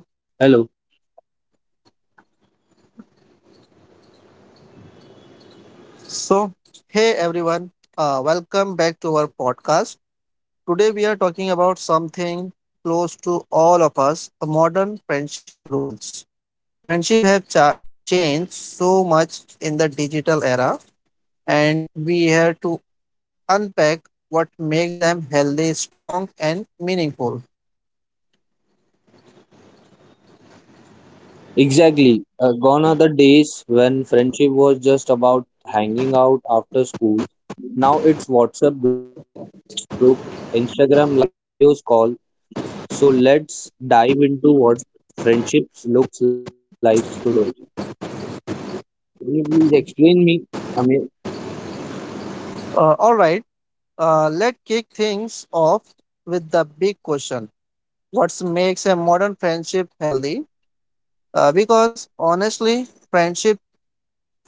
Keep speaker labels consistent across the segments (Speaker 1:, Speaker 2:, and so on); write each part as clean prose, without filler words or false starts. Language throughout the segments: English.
Speaker 1: Hello.
Speaker 2: Hello.
Speaker 1: So, hey everyone. Welcome back to our podcast. Today we are talking about something close to all of us, modern friendship rules. Friendship have cha- changed so much in the digital era and we have to unpack what makes them healthy, strong and meaningful.
Speaker 2: Exactly. Gone are the days when friendship was just about hanging out after school. Now it's WhatsApp group, Instagram likes, and videos call. So let's dive into what friendships looks like today. Can you please explain me? I mean,
Speaker 1: All right. Let's kick things off with the big question. What makes a modern friendship healthy? Because honestly, friendship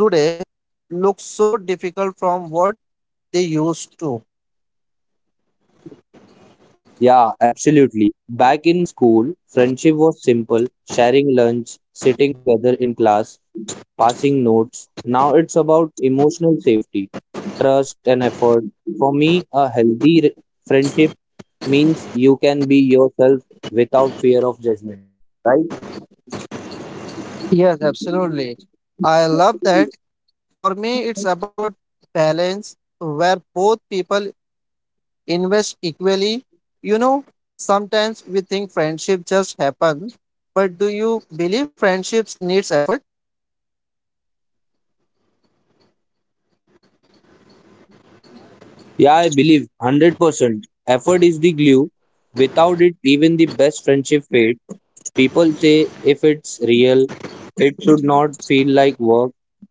Speaker 1: today looks so difficult from what they used to.
Speaker 2: yeah, absolutely. Back in school, friendship was simple, sharing lunch, sitting together in class, passing notes. Now it's about emotional safety, trust, and effort. For me, a friendship means you can be yourself without fear of judgment, right?
Speaker 1: Yes, absolutely. I love that. For me, it's about balance where both people invest equally. You know, sometimes we think friendship just happens, but do you believe friendships needs effort?
Speaker 2: Yeah, I believe 100%. Effort is the glue. Without it, even the best friendship fades. People say if it's real, it should not feel like work.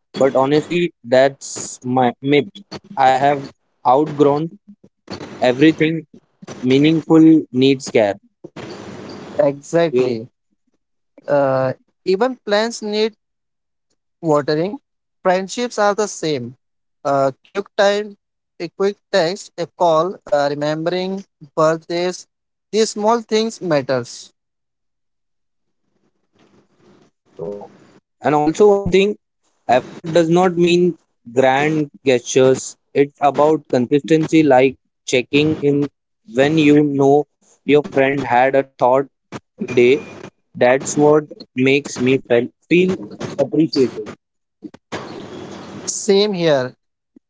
Speaker 2: But honestly, that's my myth. I have outgrown everything meaningful needs care. Well,
Speaker 1: Exactly. Uh, Even plans need watering. Friendships are the same. A quick time, a quick text, a call, remembering birthdays. These small things matters.
Speaker 2: oh. And also one thing, effort does not mean grand gestures. It's about consistency, like checking in when you know your friend had a thought day. That's what makes me feel appreciated.
Speaker 1: Same here.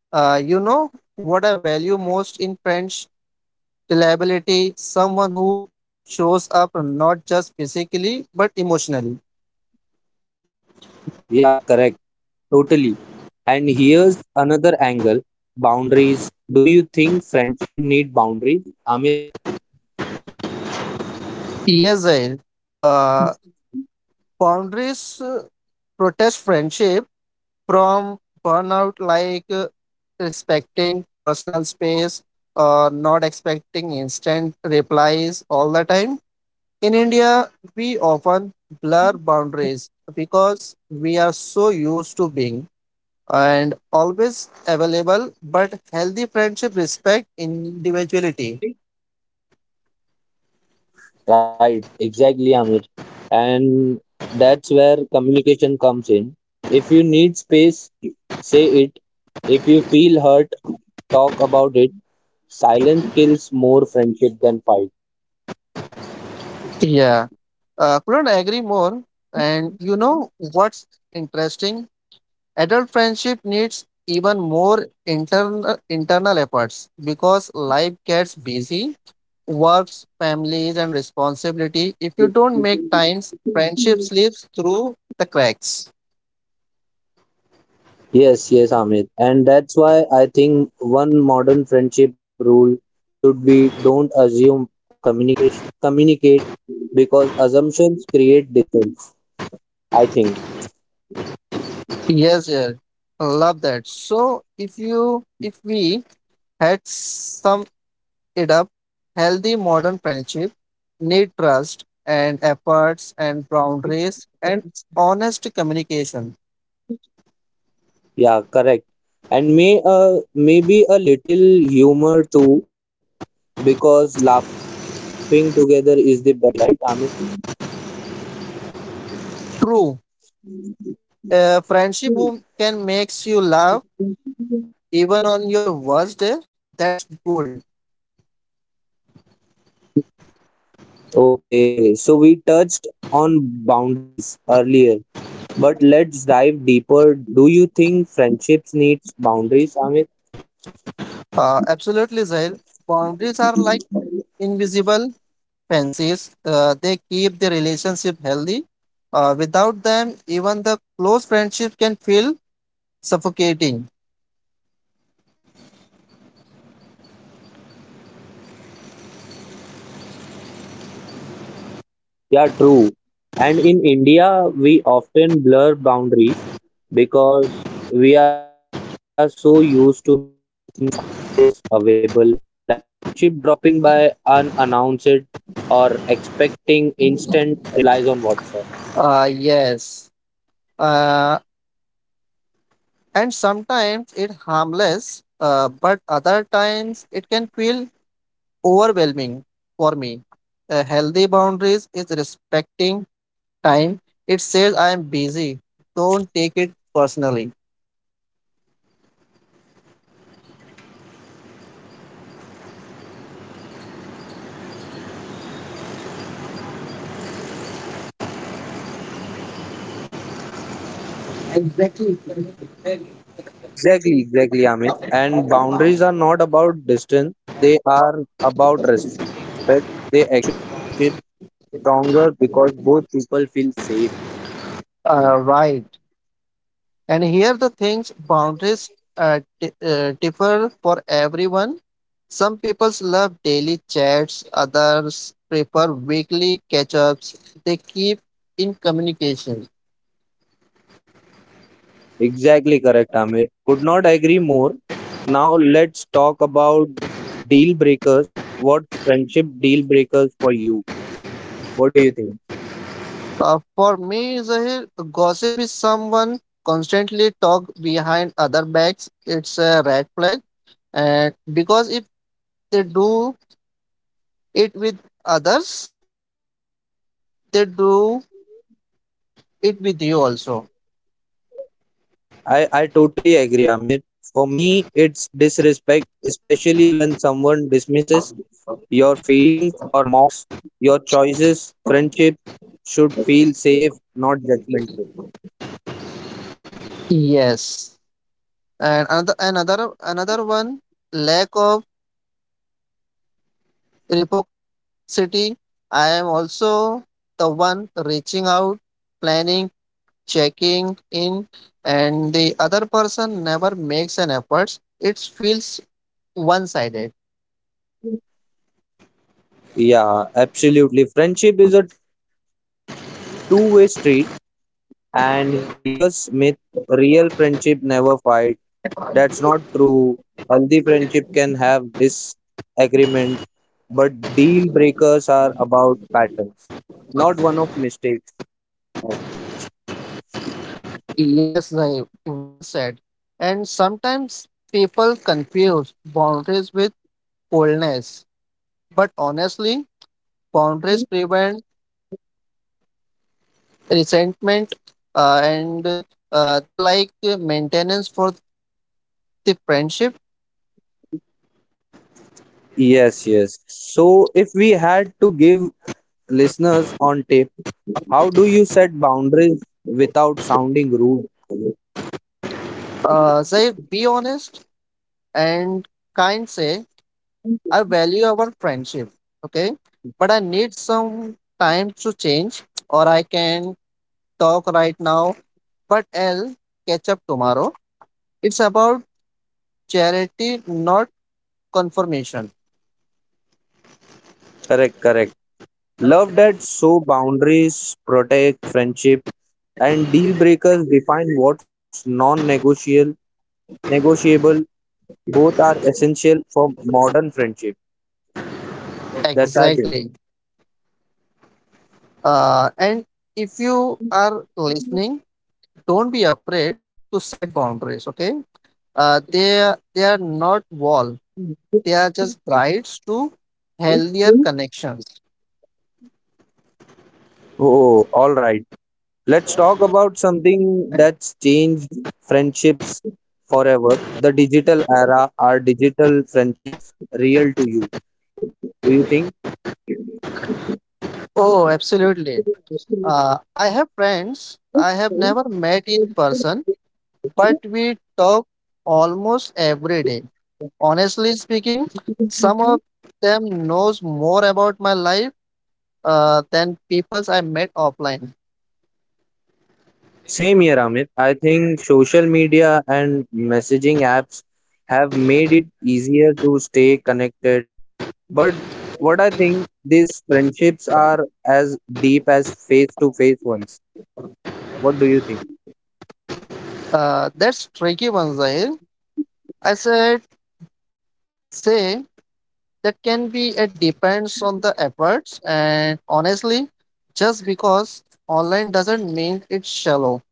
Speaker 1: You know what I value most in friends? Reliability, someone who shows up not just physically but emotionally.
Speaker 2: Yeah, correct. Totally. And here's another angle, boundaries. Do you think friendship need boundaries, Amir?
Speaker 1: Yes, I. Uh, Boundaries protect friendship from burnout, like respecting personal space or not expecting instant replies all the time. In India, we often blur boundaries because we are so used to being and always available, but healthy friendship respect individuality.
Speaker 2: Right, exactly, Amit. And that's where communication comes in. If you need space, say it. If you feel hurt, talk about it. Silence kills more friendship than fight.
Speaker 1: Yeah, couldn't agree more. And you know what's interesting? Adult friendship needs even more internal efforts because life gets busy, works, families, and responsibility. If you don't make times, friendship slips through the cracks.
Speaker 2: Yes, yes, Amit. And that's why I think one modern friendship rule should be don't assume, communicate because assumptions create distance, I think.
Speaker 1: Yes, yeah, love that. So if we had summed it up, healthy modern friendship need trust and efforts and boundaries and honest communication.
Speaker 2: Yeah, correct. And maybe a little humor too, because laughing together is the best therapy, right, Amir?
Speaker 1: True. Friendship who can makes you laugh even on your worst day. That's cool.
Speaker 2: Okay, so we touched on boundaries earlier, but let's dive deeper. Do you think friendships needs boundaries, Amir?
Speaker 1: Absolutely, Zahil. Boundaries are like invisible fences. They keep the relationship healthy. Without them, even the close friendship can feel suffocating.
Speaker 2: Yeah, true. And in India, we often blur boundaries because we are so used to being always available, like friendship dropping by unannounced or expecting instant replies on WhatsApp.
Speaker 1: Yes. Uh, and sometimes it harmless, but other times it can feel overwhelming for me. Healthy boundaries is respecting time, it says I am busy. Don't take it personally. Exactly.
Speaker 2: Exactly, exactly, Amit. And boundaries are not about distance, they are about respect. They actually make friendship stronger because both people feel safe.
Speaker 1: Right. And here the things boundaries differ for everyone. Some people love daily chats, others prefer weekly catch ups. They keep in communication.
Speaker 2: Exactly correct, Amir. Could not agree more. Now let's talk about deal breakers. What friendship deal breakers for you? What do you think?
Speaker 1: For me, Zahir, gossip is someone constantly talk behind other backs. It's a red flag. And because if they do it with others they do it with you also.
Speaker 2: I totally agree, Amir. For me, it's disrespect, especially when someone dismisses your feelings or mocks your choices. Friendship should feel safe, not judgmental.
Speaker 1: Yes. And another one lack of reciprocity. I am also the one reaching out, planning, checking in, and the other person never makes an effort. It feels one-sided.
Speaker 2: Yeah, absolutely. Friendship is a two-way street, and here's myth: real friendship never fights. That's not true. Healthy friendship can have disagreements, but deal breakers are about patterns, not one of mistakes. Maybe.
Speaker 1: Yes, Zahir, well said. And sometimes people confuse boundaries with coldness, but honestly, boundaries prevent resentment, and they like the maintenance for the friendship.
Speaker 2: Yes, yes. So, if we had to give listeners on tape, how do you set boundaries without sounding rude?
Speaker 1: Say, be honest and kind. Say, I value our friendship, okay, but I need some time to change, or I can talk right now, but I'll catch up tomorrow. It's about charity, not confirmation.
Speaker 2: Correct, correct. Love that so boundaries protect friendship and deal breakers define what's non negotiable. Both are essential for modern friendship. That's ideal.
Speaker 1: Exactly. And if you are listening, don't be afraid to set boundaries, okay? They are not wall. They are just brides to healthier connections.
Speaker 2: Oh, all right. Let's talk about something that's changed friendships forever. The digital era. Are digital friendships real to you? Do you think?
Speaker 1: Oh, absolutely. I have friends I have never met in person, but we talk almost every day. Honestly speaking, some of them knows more about my life than peoples I met offline.
Speaker 2: Same here, Amit. I think social media and messaging apps have made it easier to stay connected. But what I think these friendships are as deep as face to face ones. What do you think?
Speaker 1: That's tricky one, Zahir. I said, say that can be it depends on the efforts and honestly just because online doesn't mean it's shallow.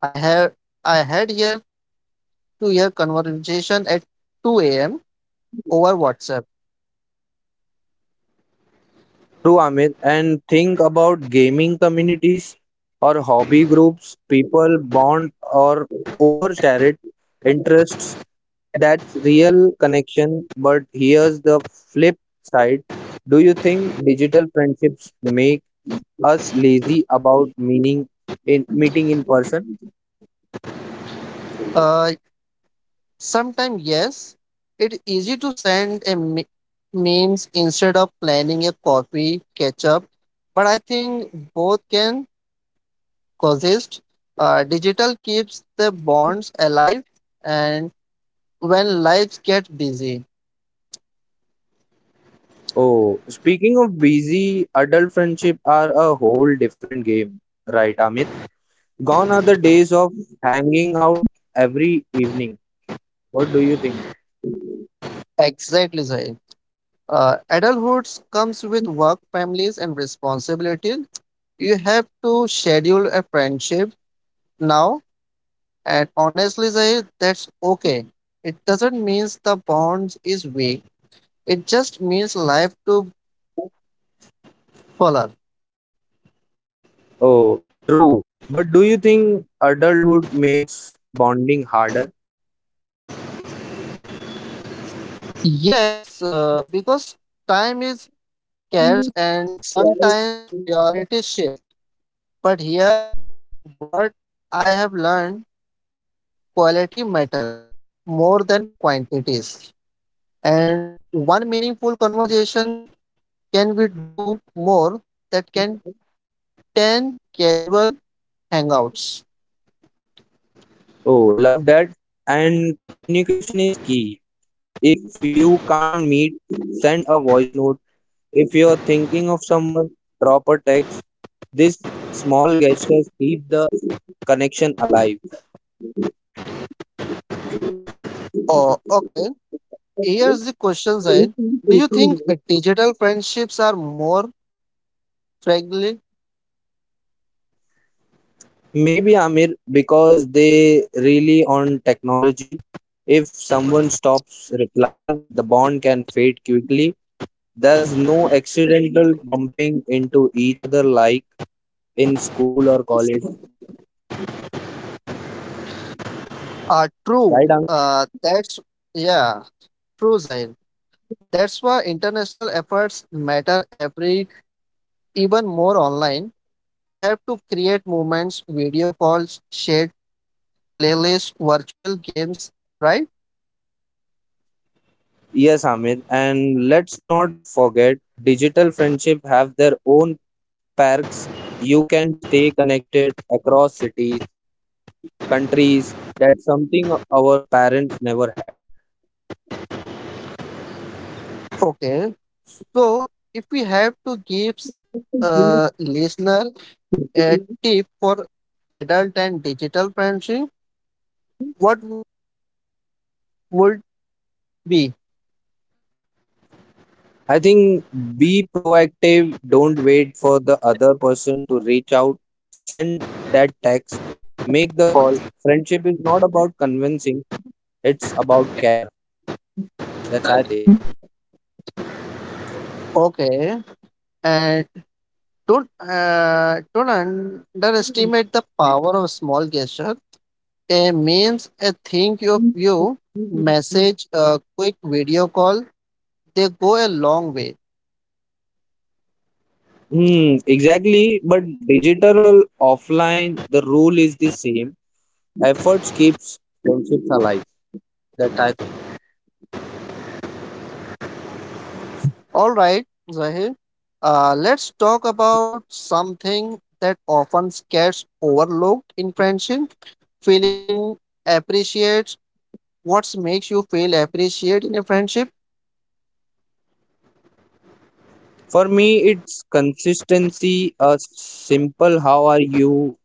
Speaker 1: I have I had here to year conversation at 2 a.m over WhatsApp.
Speaker 2: True, Amit. And think about gaming communities or hobby groups. People bond or over shared interests. That's real connection. But here's the flip side. Do you think digital friendships make us lazy about meaning in meeting in person?
Speaker 1: uh Sometimes yes, it's easy to send a memes instead of planning a coffee catch up, but I think both can coexist. Digital keeps the bonds alive and when lives get busy.
Speaker 2: Oh, speaking of busy, adult friendship are a whole different game, right, Amir? Gone are the days of hanging out every evening. What do you think?
Speaker 1: Exactly, Zahid. Adulthood comes with work, families, and responsibilities. You have to schedule a friendship now, and honestly, Zahid, that's okay. It doesn't mean the bond is weak. It just means life to follow.
Speaker 2: Oh, true. But do you think adulthood makes bonding harder?
Speaker 1: Yes, because time is scarce and sometimes priorities shift. But here, what I have learned, quality matters more than quantities. And one meaningful conversation can we do more that can 10 casual hangouts.
Speaker 2: Oh, love that. And communication is key. If you can't meet, send a voice note. If you're thinking of someone, drop a text. These small gestures keep the connection alive.
Speaker 1: Oh, okay. Here's the question, Zaid. Do you think digital friendships are more friendly?
Speaker 2: Maybe Amir, because they really on technology. If someone stops replying, the bond can fade quickly. There's no accidental bumping into each other like in school or college,
Speaker 1: True.
Speaker 2: right, Amir?
Speaker 1: Yeah, true, Zaid. That's why international efforts matter every, even more online. You have to create moments, video calls, shared playlists, virtual games, right?
Speaker 2: Yes, Amir. And let's not forget, digital friendship have their own parks, you can stay connected across cities, countries. That's something our parents never had.
Speaker 1: Okay. So, if we have to give a listener a tip for adult and digital parenting, what w- would be?
Speaker 2: I think be proactive. Don't wait for the other person to reach out. Send that text. Make the call. Friendship is not about convincing, it's about care. That's, I think.
Speaker 1: Okay, and don't underestimate the power of small gesture. A means a think of you, message, a quick video call. They go a long way.
Speaker 2: Hmm, exactly. But digital or offline, the rule is the same. Efforts keeps friendships alive. That I think.
Speaker 1: All right, Zahir. Let's talk about something that often gets overlooked in friendship, feeling appreciates. What makes you feel appreciated in a friendship?
Speaker 2: For me, it's consistency. A simple "How are you?"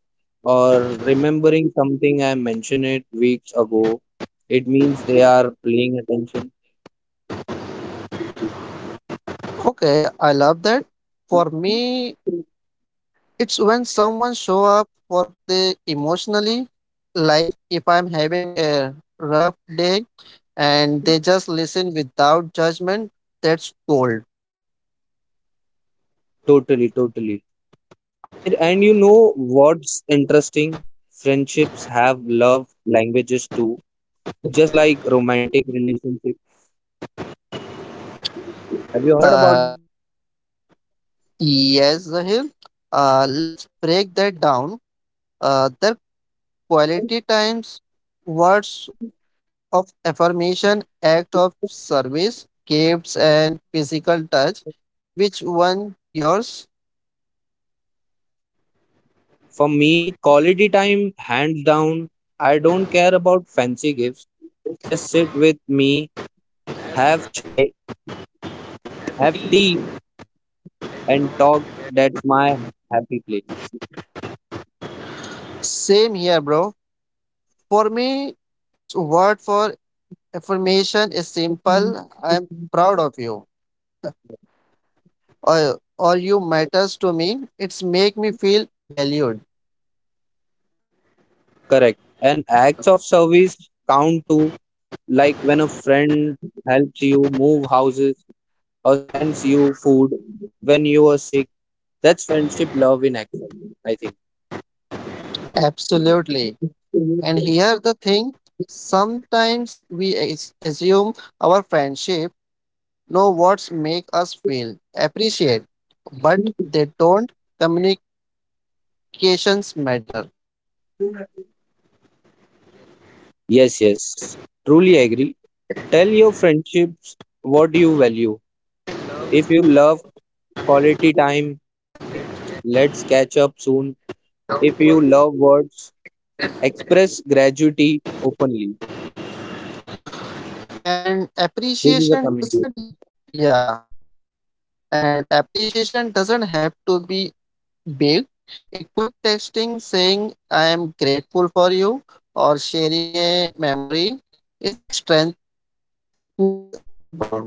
Speaker 2: or remembering something I mentioned it weeks ago. It means they are paying attention.
Speaker 1: Okay, I love that. For me, it's when someone show up for the emotionally, like if I'm having a rough day and they just listen without judgment. That's gold.
Speaker 2: Totally, totally. Amir, and you know what's interesting? Friendships have love languages too, just like romantic relationships. Have you heard
Speaker 1: uh
Speaker 2: about that?
Speaker 1: yes, Zahir. Let's break that down. The quality times, words of affirmation, act of service, gifts, and physical touch. Which one yours?
Speaker 2: For me, quality time, hands down. I don't care about fancy gifts. Just sit with me, have chai, have tea, and talk. That's my happy
Speaker 1: Same here, bro. For me, it's word for affirmation is
Speaker 2: place.
Speaker 1: simple. I'm proud of you. Or you matters to me. It's make me feel valued.
Speaker 2: Correct. And acts of service count too, like when a friend helps you move houses or sends you food when you are sick. That's friendship love in action, I think.
Speaker 1: Absolutely. And here the thing. Sometimes we assume our friendship know what make us feel appreciate, but they don't communicate. Applications matter.
Speaker 2: Yes, yes. Truly agree. Tell your friendships what you value. If you love quality time, say let's catch up soon. If you love words, express gratitude openly.
Speaker 1: And
Speaker 2: This is a
Speaker 1: appreciation doesn't.
Speaker 2: communication.
Speaker 1: Yeah, and appreciation doesn't have to be big. A quick texting saying I am grateful for you or sharing a memory, it strengthens the bond.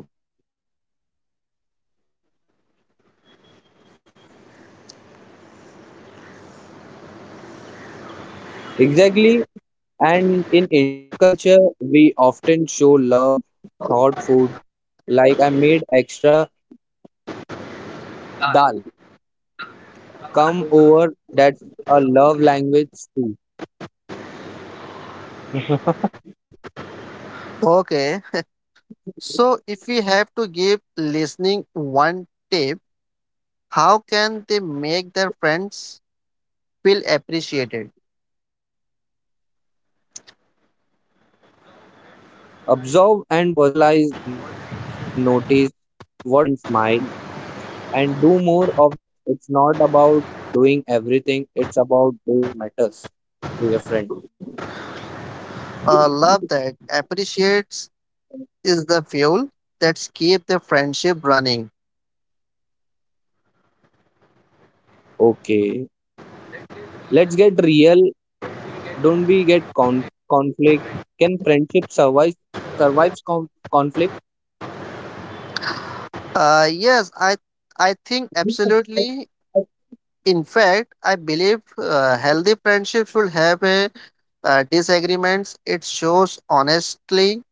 Speaker 2: Exactly. And in India culture, we often show love, thought, food. Like I made extra dal. Come over. That's a love language too.
Speaker 1: Okay, so if we have to give listening one tip, how can they make their friends feel appreciated?
Speaker 2: Observe and personalize. Notice what makes your friend smile and do more of that. It's not about doing everything, it's about doing what matters to your friend.
Speaker 1: Love that. Appreciates is the fuel that's keep the friendship running.
Speaker 2: Okay, let's get real. Don't we get conflict? Can friendship survives conflict?
Speaker 1: Yes, I think absolutely. In fact, I believe healthy friendships will have a disagreements. It shows honestly.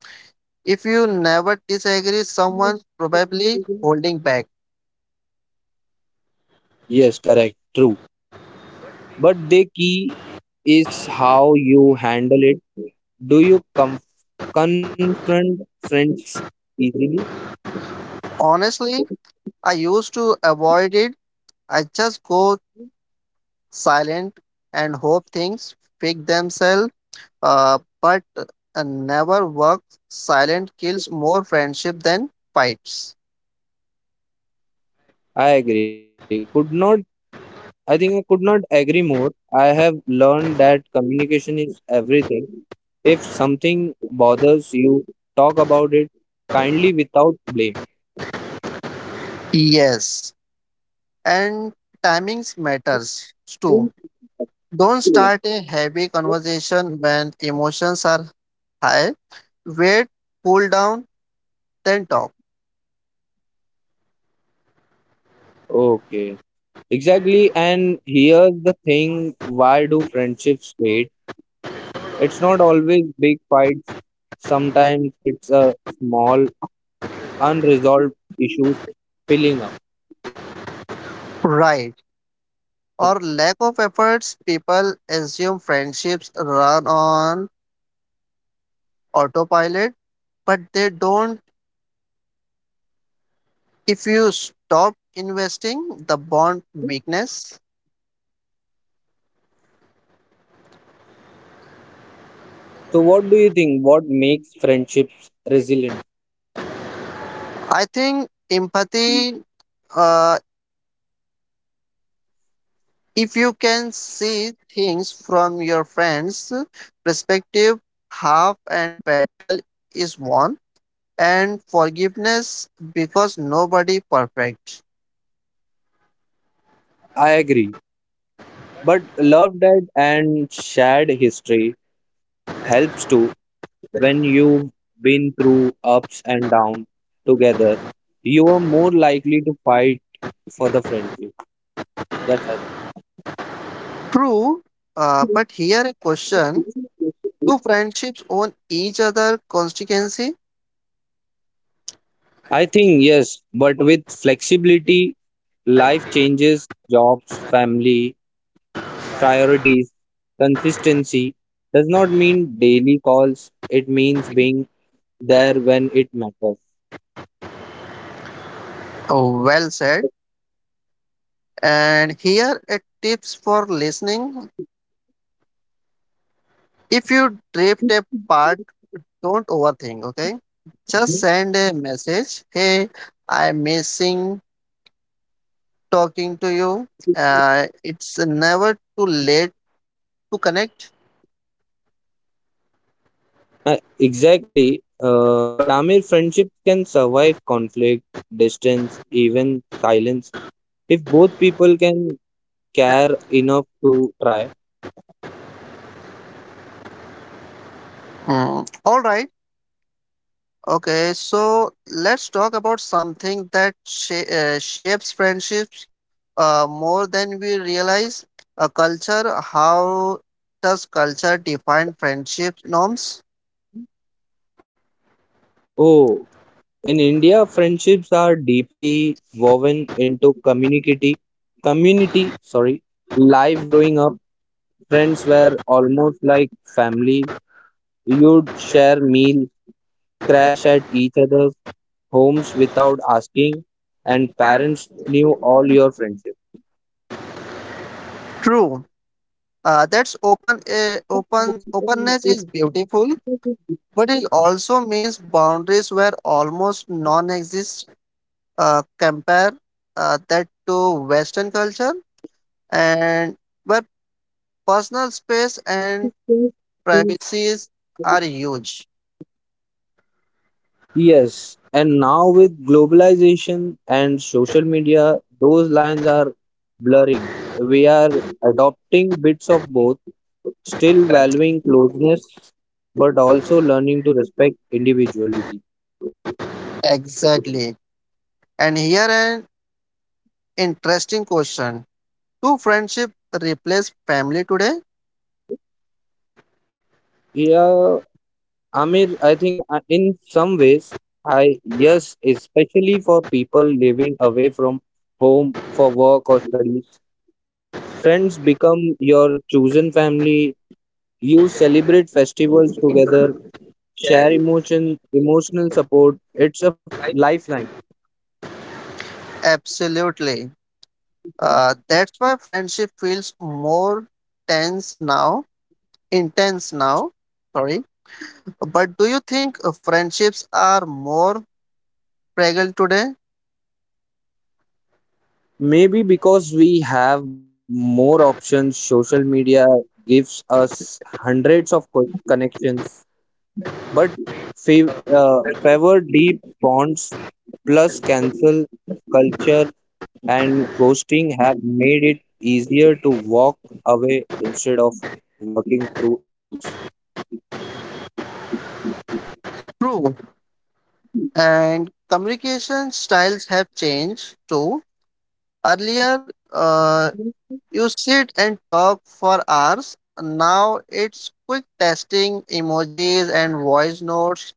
Speaker 1: If you never disagree, someone's probably holding back.
Speaker 2: Yes, correct, true. But the key is how you handle it. Do you come confront friends easily.
Speaker 1: Honestly, I used to avoid it. I just go silent and hope things fix themselves. But never work, silent kills more friendship than fights.
Speaker 2: I agree. Could not, I think I could not agree more. I have learned that communication is everything. If something bothers you, talk about it kindly without blame.
Speaker 1: Yes, and timings matters too. Don't start a heavy conversation when emotions are high. Wait, cool down, then talk.
Speaker 2: Okay, exactly. And here's the thing, why do friendships fade? It's not always big fights. Sometimes it's a small unresolved issues piling up.
Speaker 1: Right. Or lack of efforts, people assume friendships run on autopilot, but they don't. If you stop investing, the bond weakness.
Speaker 2: So, what do you think? What makes friendships resilient?
Speaker 1: I think empathy, uh, if you can see things from your friend's perspective, half and battle is won, and forgiveness because nobody perfect.
Speaker 2: I agree. But love, debt, and shared history helps too. When you've been through ups and downs together, you are more likely to fight for the friendship. That's I
Speaker 1: True,
Speaker 2: think.
Speaker 1: but here a question: do friendships own each other consequency?
Speaker 2: I think yes, but with flexibility, life changes, jobs, family, priorities, consistency does not mean daily calls. It means being there when it matters.
Speaker 1: Oh, well said. And here a tips for listening: if you drift apart, don't overthink, okay? Just send a message. Hey, I'm missing talking to you. It's never too late to connect.
Speaker 2: Exactly. But Amir, friendship can survive conflict, distance, even silence if both people can care enough to try.
Speaker 1: Hmm, all right. Okay. So let's talk about something that shapes friendships more than we realize. A culture. How does culture define friendship norms?
Speaker 2: Oh, in India, friendships are deeply woven into sorry, life growing up. Friends were almost like family. You'd share meals, crash at each other's homes without asking, and parents knew all your friendship.
Speaker 1: True. That's open. Open. Openness is beautiful, but it also means boundaries were almost non-exist. Compare that to Western culture and where personal space and privacies are huge.
Speaker 2: Yes, and now with globalization and social media, those lines are blurring. We are adopting bits of both, still
Speaker 1: Right.
Speaker 2: valuing closeness, but also learning to respect individuality.
Speaker 1: Exactly. And here an interesting question. Do friendship replace family today?
Speaker 2: Yeah, Amir, I think in some ways, I yes, especially for people living away from home for work or studies, friends become your chosen family. You celebrate festivals together, share emotion, emotional support. It's a lifeline.
Speaker 1: Absolutely. That's why friendship feels tense now, intense now. Sorry. But do you think friendships are more fragile today?
Speaker 2: Maybe because we have more options, social media gives us hundreds of connections but fav- uh, favor deep bonds plus cancel culture and ghosting have made it easier to walk away instead of working through issues.
Speaker 1: True. And communication styles have changed too. Earlier, you sit and talk for hours. Now it's quick testing, emojis, and voice notes,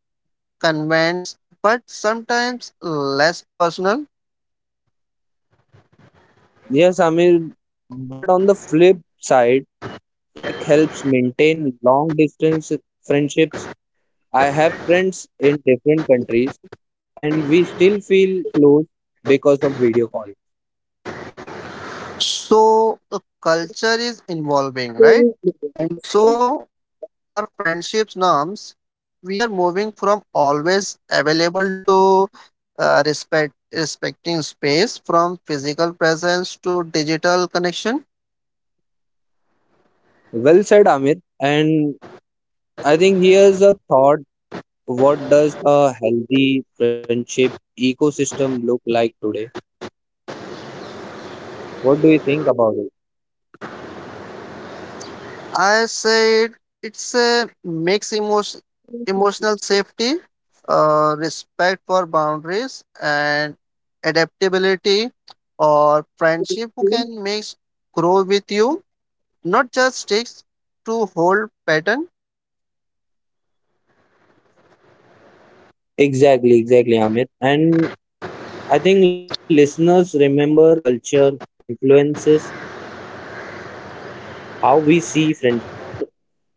Speaker 1: comments, but sometimes less personal.
Speaker 2: Yes, Amir, but on the flip side, tech helps maintain long distance friendships. I have friends in different countries and we still feel close because of video call.
Speaker 1: So the culture is evolving, right? And so our friendships norms, we are moving from always available to respecting space, from physical presence to digital connection.
Speaker 2: Well said, Amir. And I think here's a thought. What does a healthy friendship ecosystem look like today? What do you think about
Speaker 1: I say it's a mix emotion emotional safety, respect for boundaries and adaptability, or friendship who
Speaker 2: it?
Speaker 1: can make grow with you, not just sticks to hold pattern.
Speaker 2: Exactly, exactly, Amit. And I think listeners remember culture influences how we see friendship, but at the core,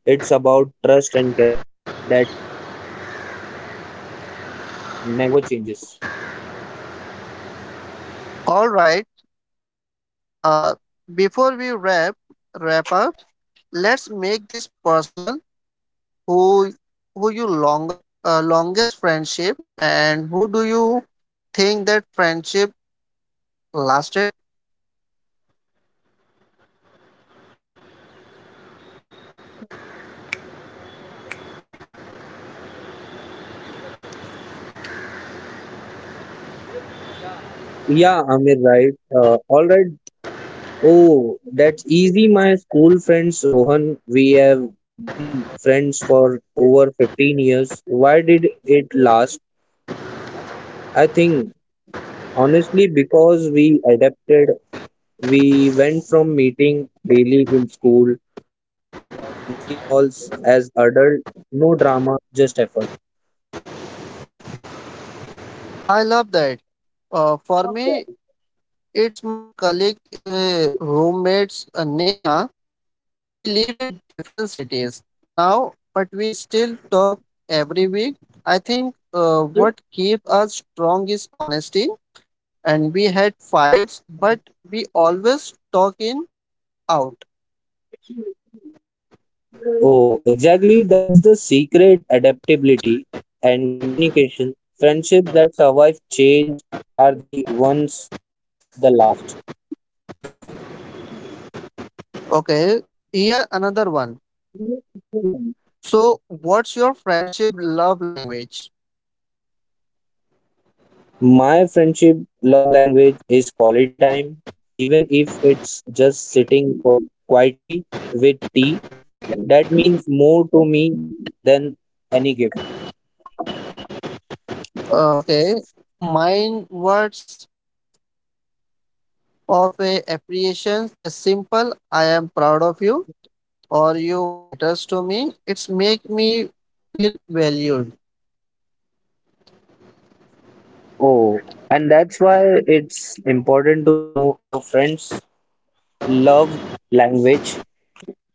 Speaker 2: it's about trust and care that never changes.
Speaker 1: All right. Uh, before we wrap up, let's make this personal. Who who you longer longest friendship, and who do you think that friendship lasted?
Speaker 2: Yeah, Amir, right. All right, oh, that's easy. My school friends, Rohan, we have been friends for over 15 years. Why did it last? I think honestly because we adapted. We went from meeting daily in school to monthly calls as adult. No drama, just effort.
Speaker 1: I love that. For me, it's my colleague, roommates, Neha. We live in different cities now, but we still talk every week. I think what keeps us strong is honesty, and we had fights, but we always talk in out.
Speaker 2: Oh, exactly. That's the secret adaptability and communication. Friendships that survive change are the ones the last.
Speaker 1: Okay, here another one. So, what's your friendship love language?
Speaker 2: My friendship love language is quality time, even if it's just sitting quietly with tea. That means more to me than any gift.
Speaker 1: Uh, okay, mine words of a appreciation is simple. I am proud of you, or you matters to me. It's make me feel valued.
Speaker 2: Oh, and that's why it's important to know your friends' love language.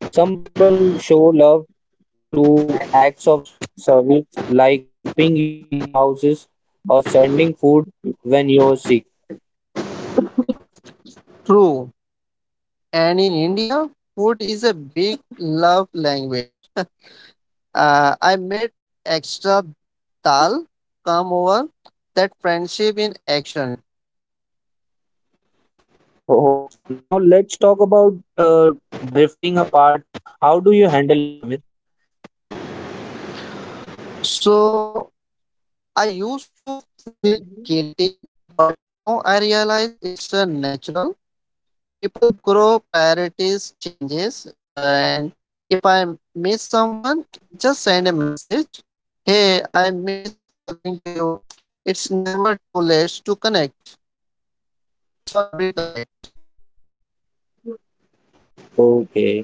Speaker 2: Some people show love through acts of service, like helping you move houses or sending food when you're sick.
Speaker 1: True, and in India, food is a big love language. I made extra dal come over, that friendship in action.
Speaker 2: Oh, now let's talk about drifting apart. How do you handle it, Amir?
Speaker 1: So I used to feel guilty, but now I realize it's a natural. People grow, priorities changes, and if I miss someone, I just send a message. Hey, I miss talking to you. It's never too late to connect. Sorry, reconnect.
Speaker 2: Okay.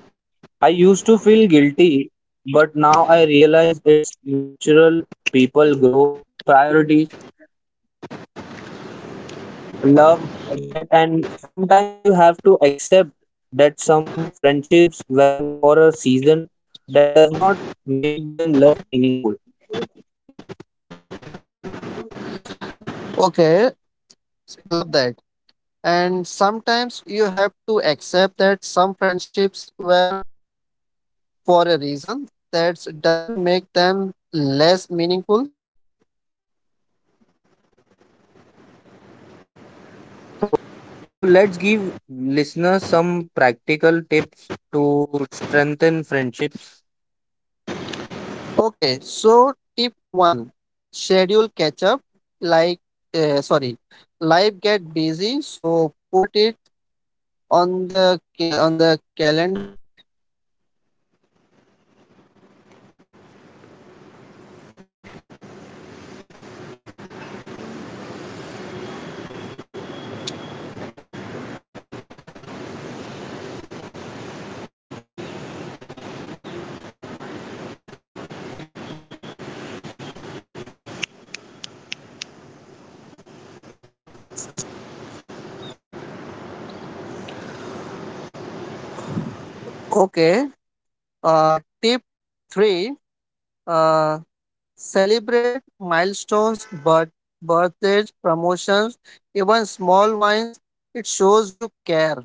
Speaker 2: I used to feel guilty, but now I realize it's natural. People grow, priorities, love that, and sometimes you have to accept that some friendships were for a season that does not make them less meaningful.
Speaker 1: Okay, love that. And sometimes you have to accept that some friendships were for a reason that doesn't make them less meaningful. Okay, so tip one, schedule catch up. Like, sorry, life get busy, so put it on the on the calendar. Okay, tip three, uh, celebrate milestones, birthdays, promotions, even small wins. It shows you care.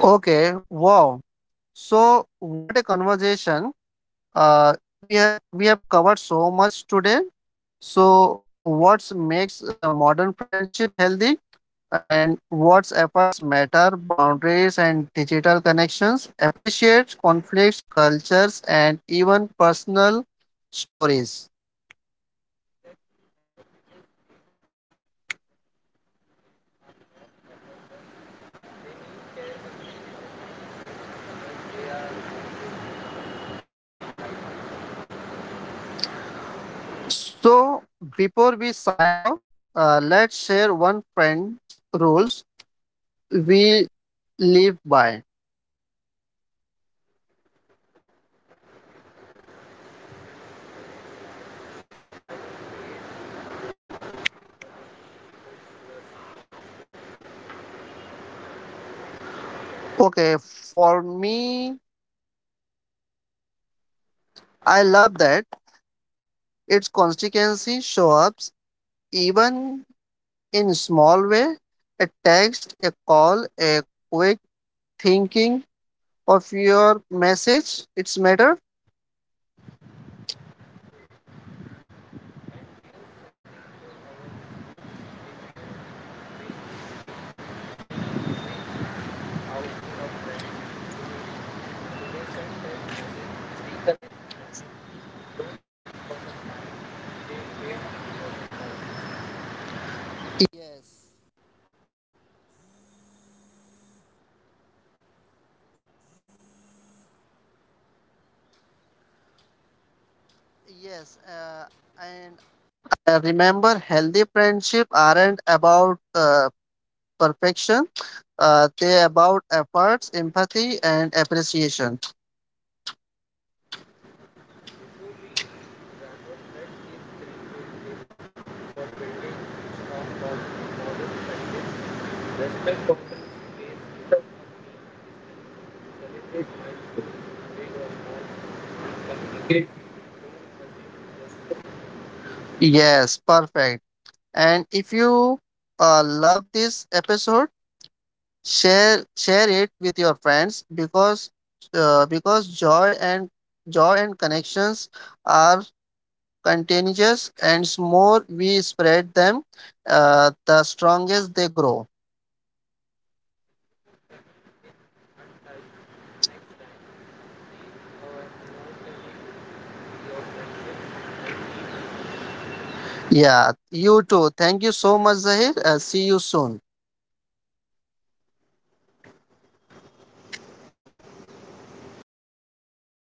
Speaker 1: Okay, wow. So what a conversation. Uh, we have covered so much today. So what makes modern friendship healthy and what efforts matter, boundaries and digital connections, appreciate conflicts, cultures and even personal stories. So before we sign off, let's share one friend's rules we live by. Okay, for me, I love that its consistency shows up even in small way. A text, a call, a quick thinking of your message, it's matter. About perfection. They about efforts, empathy, and appreciation. Yes, perfect. And if you love this episode, share it with your friends because joy and connections are contagious, and more we spread them, the strongest they grow. Yeah, you too. Thank you so much, Zahir. See you soon.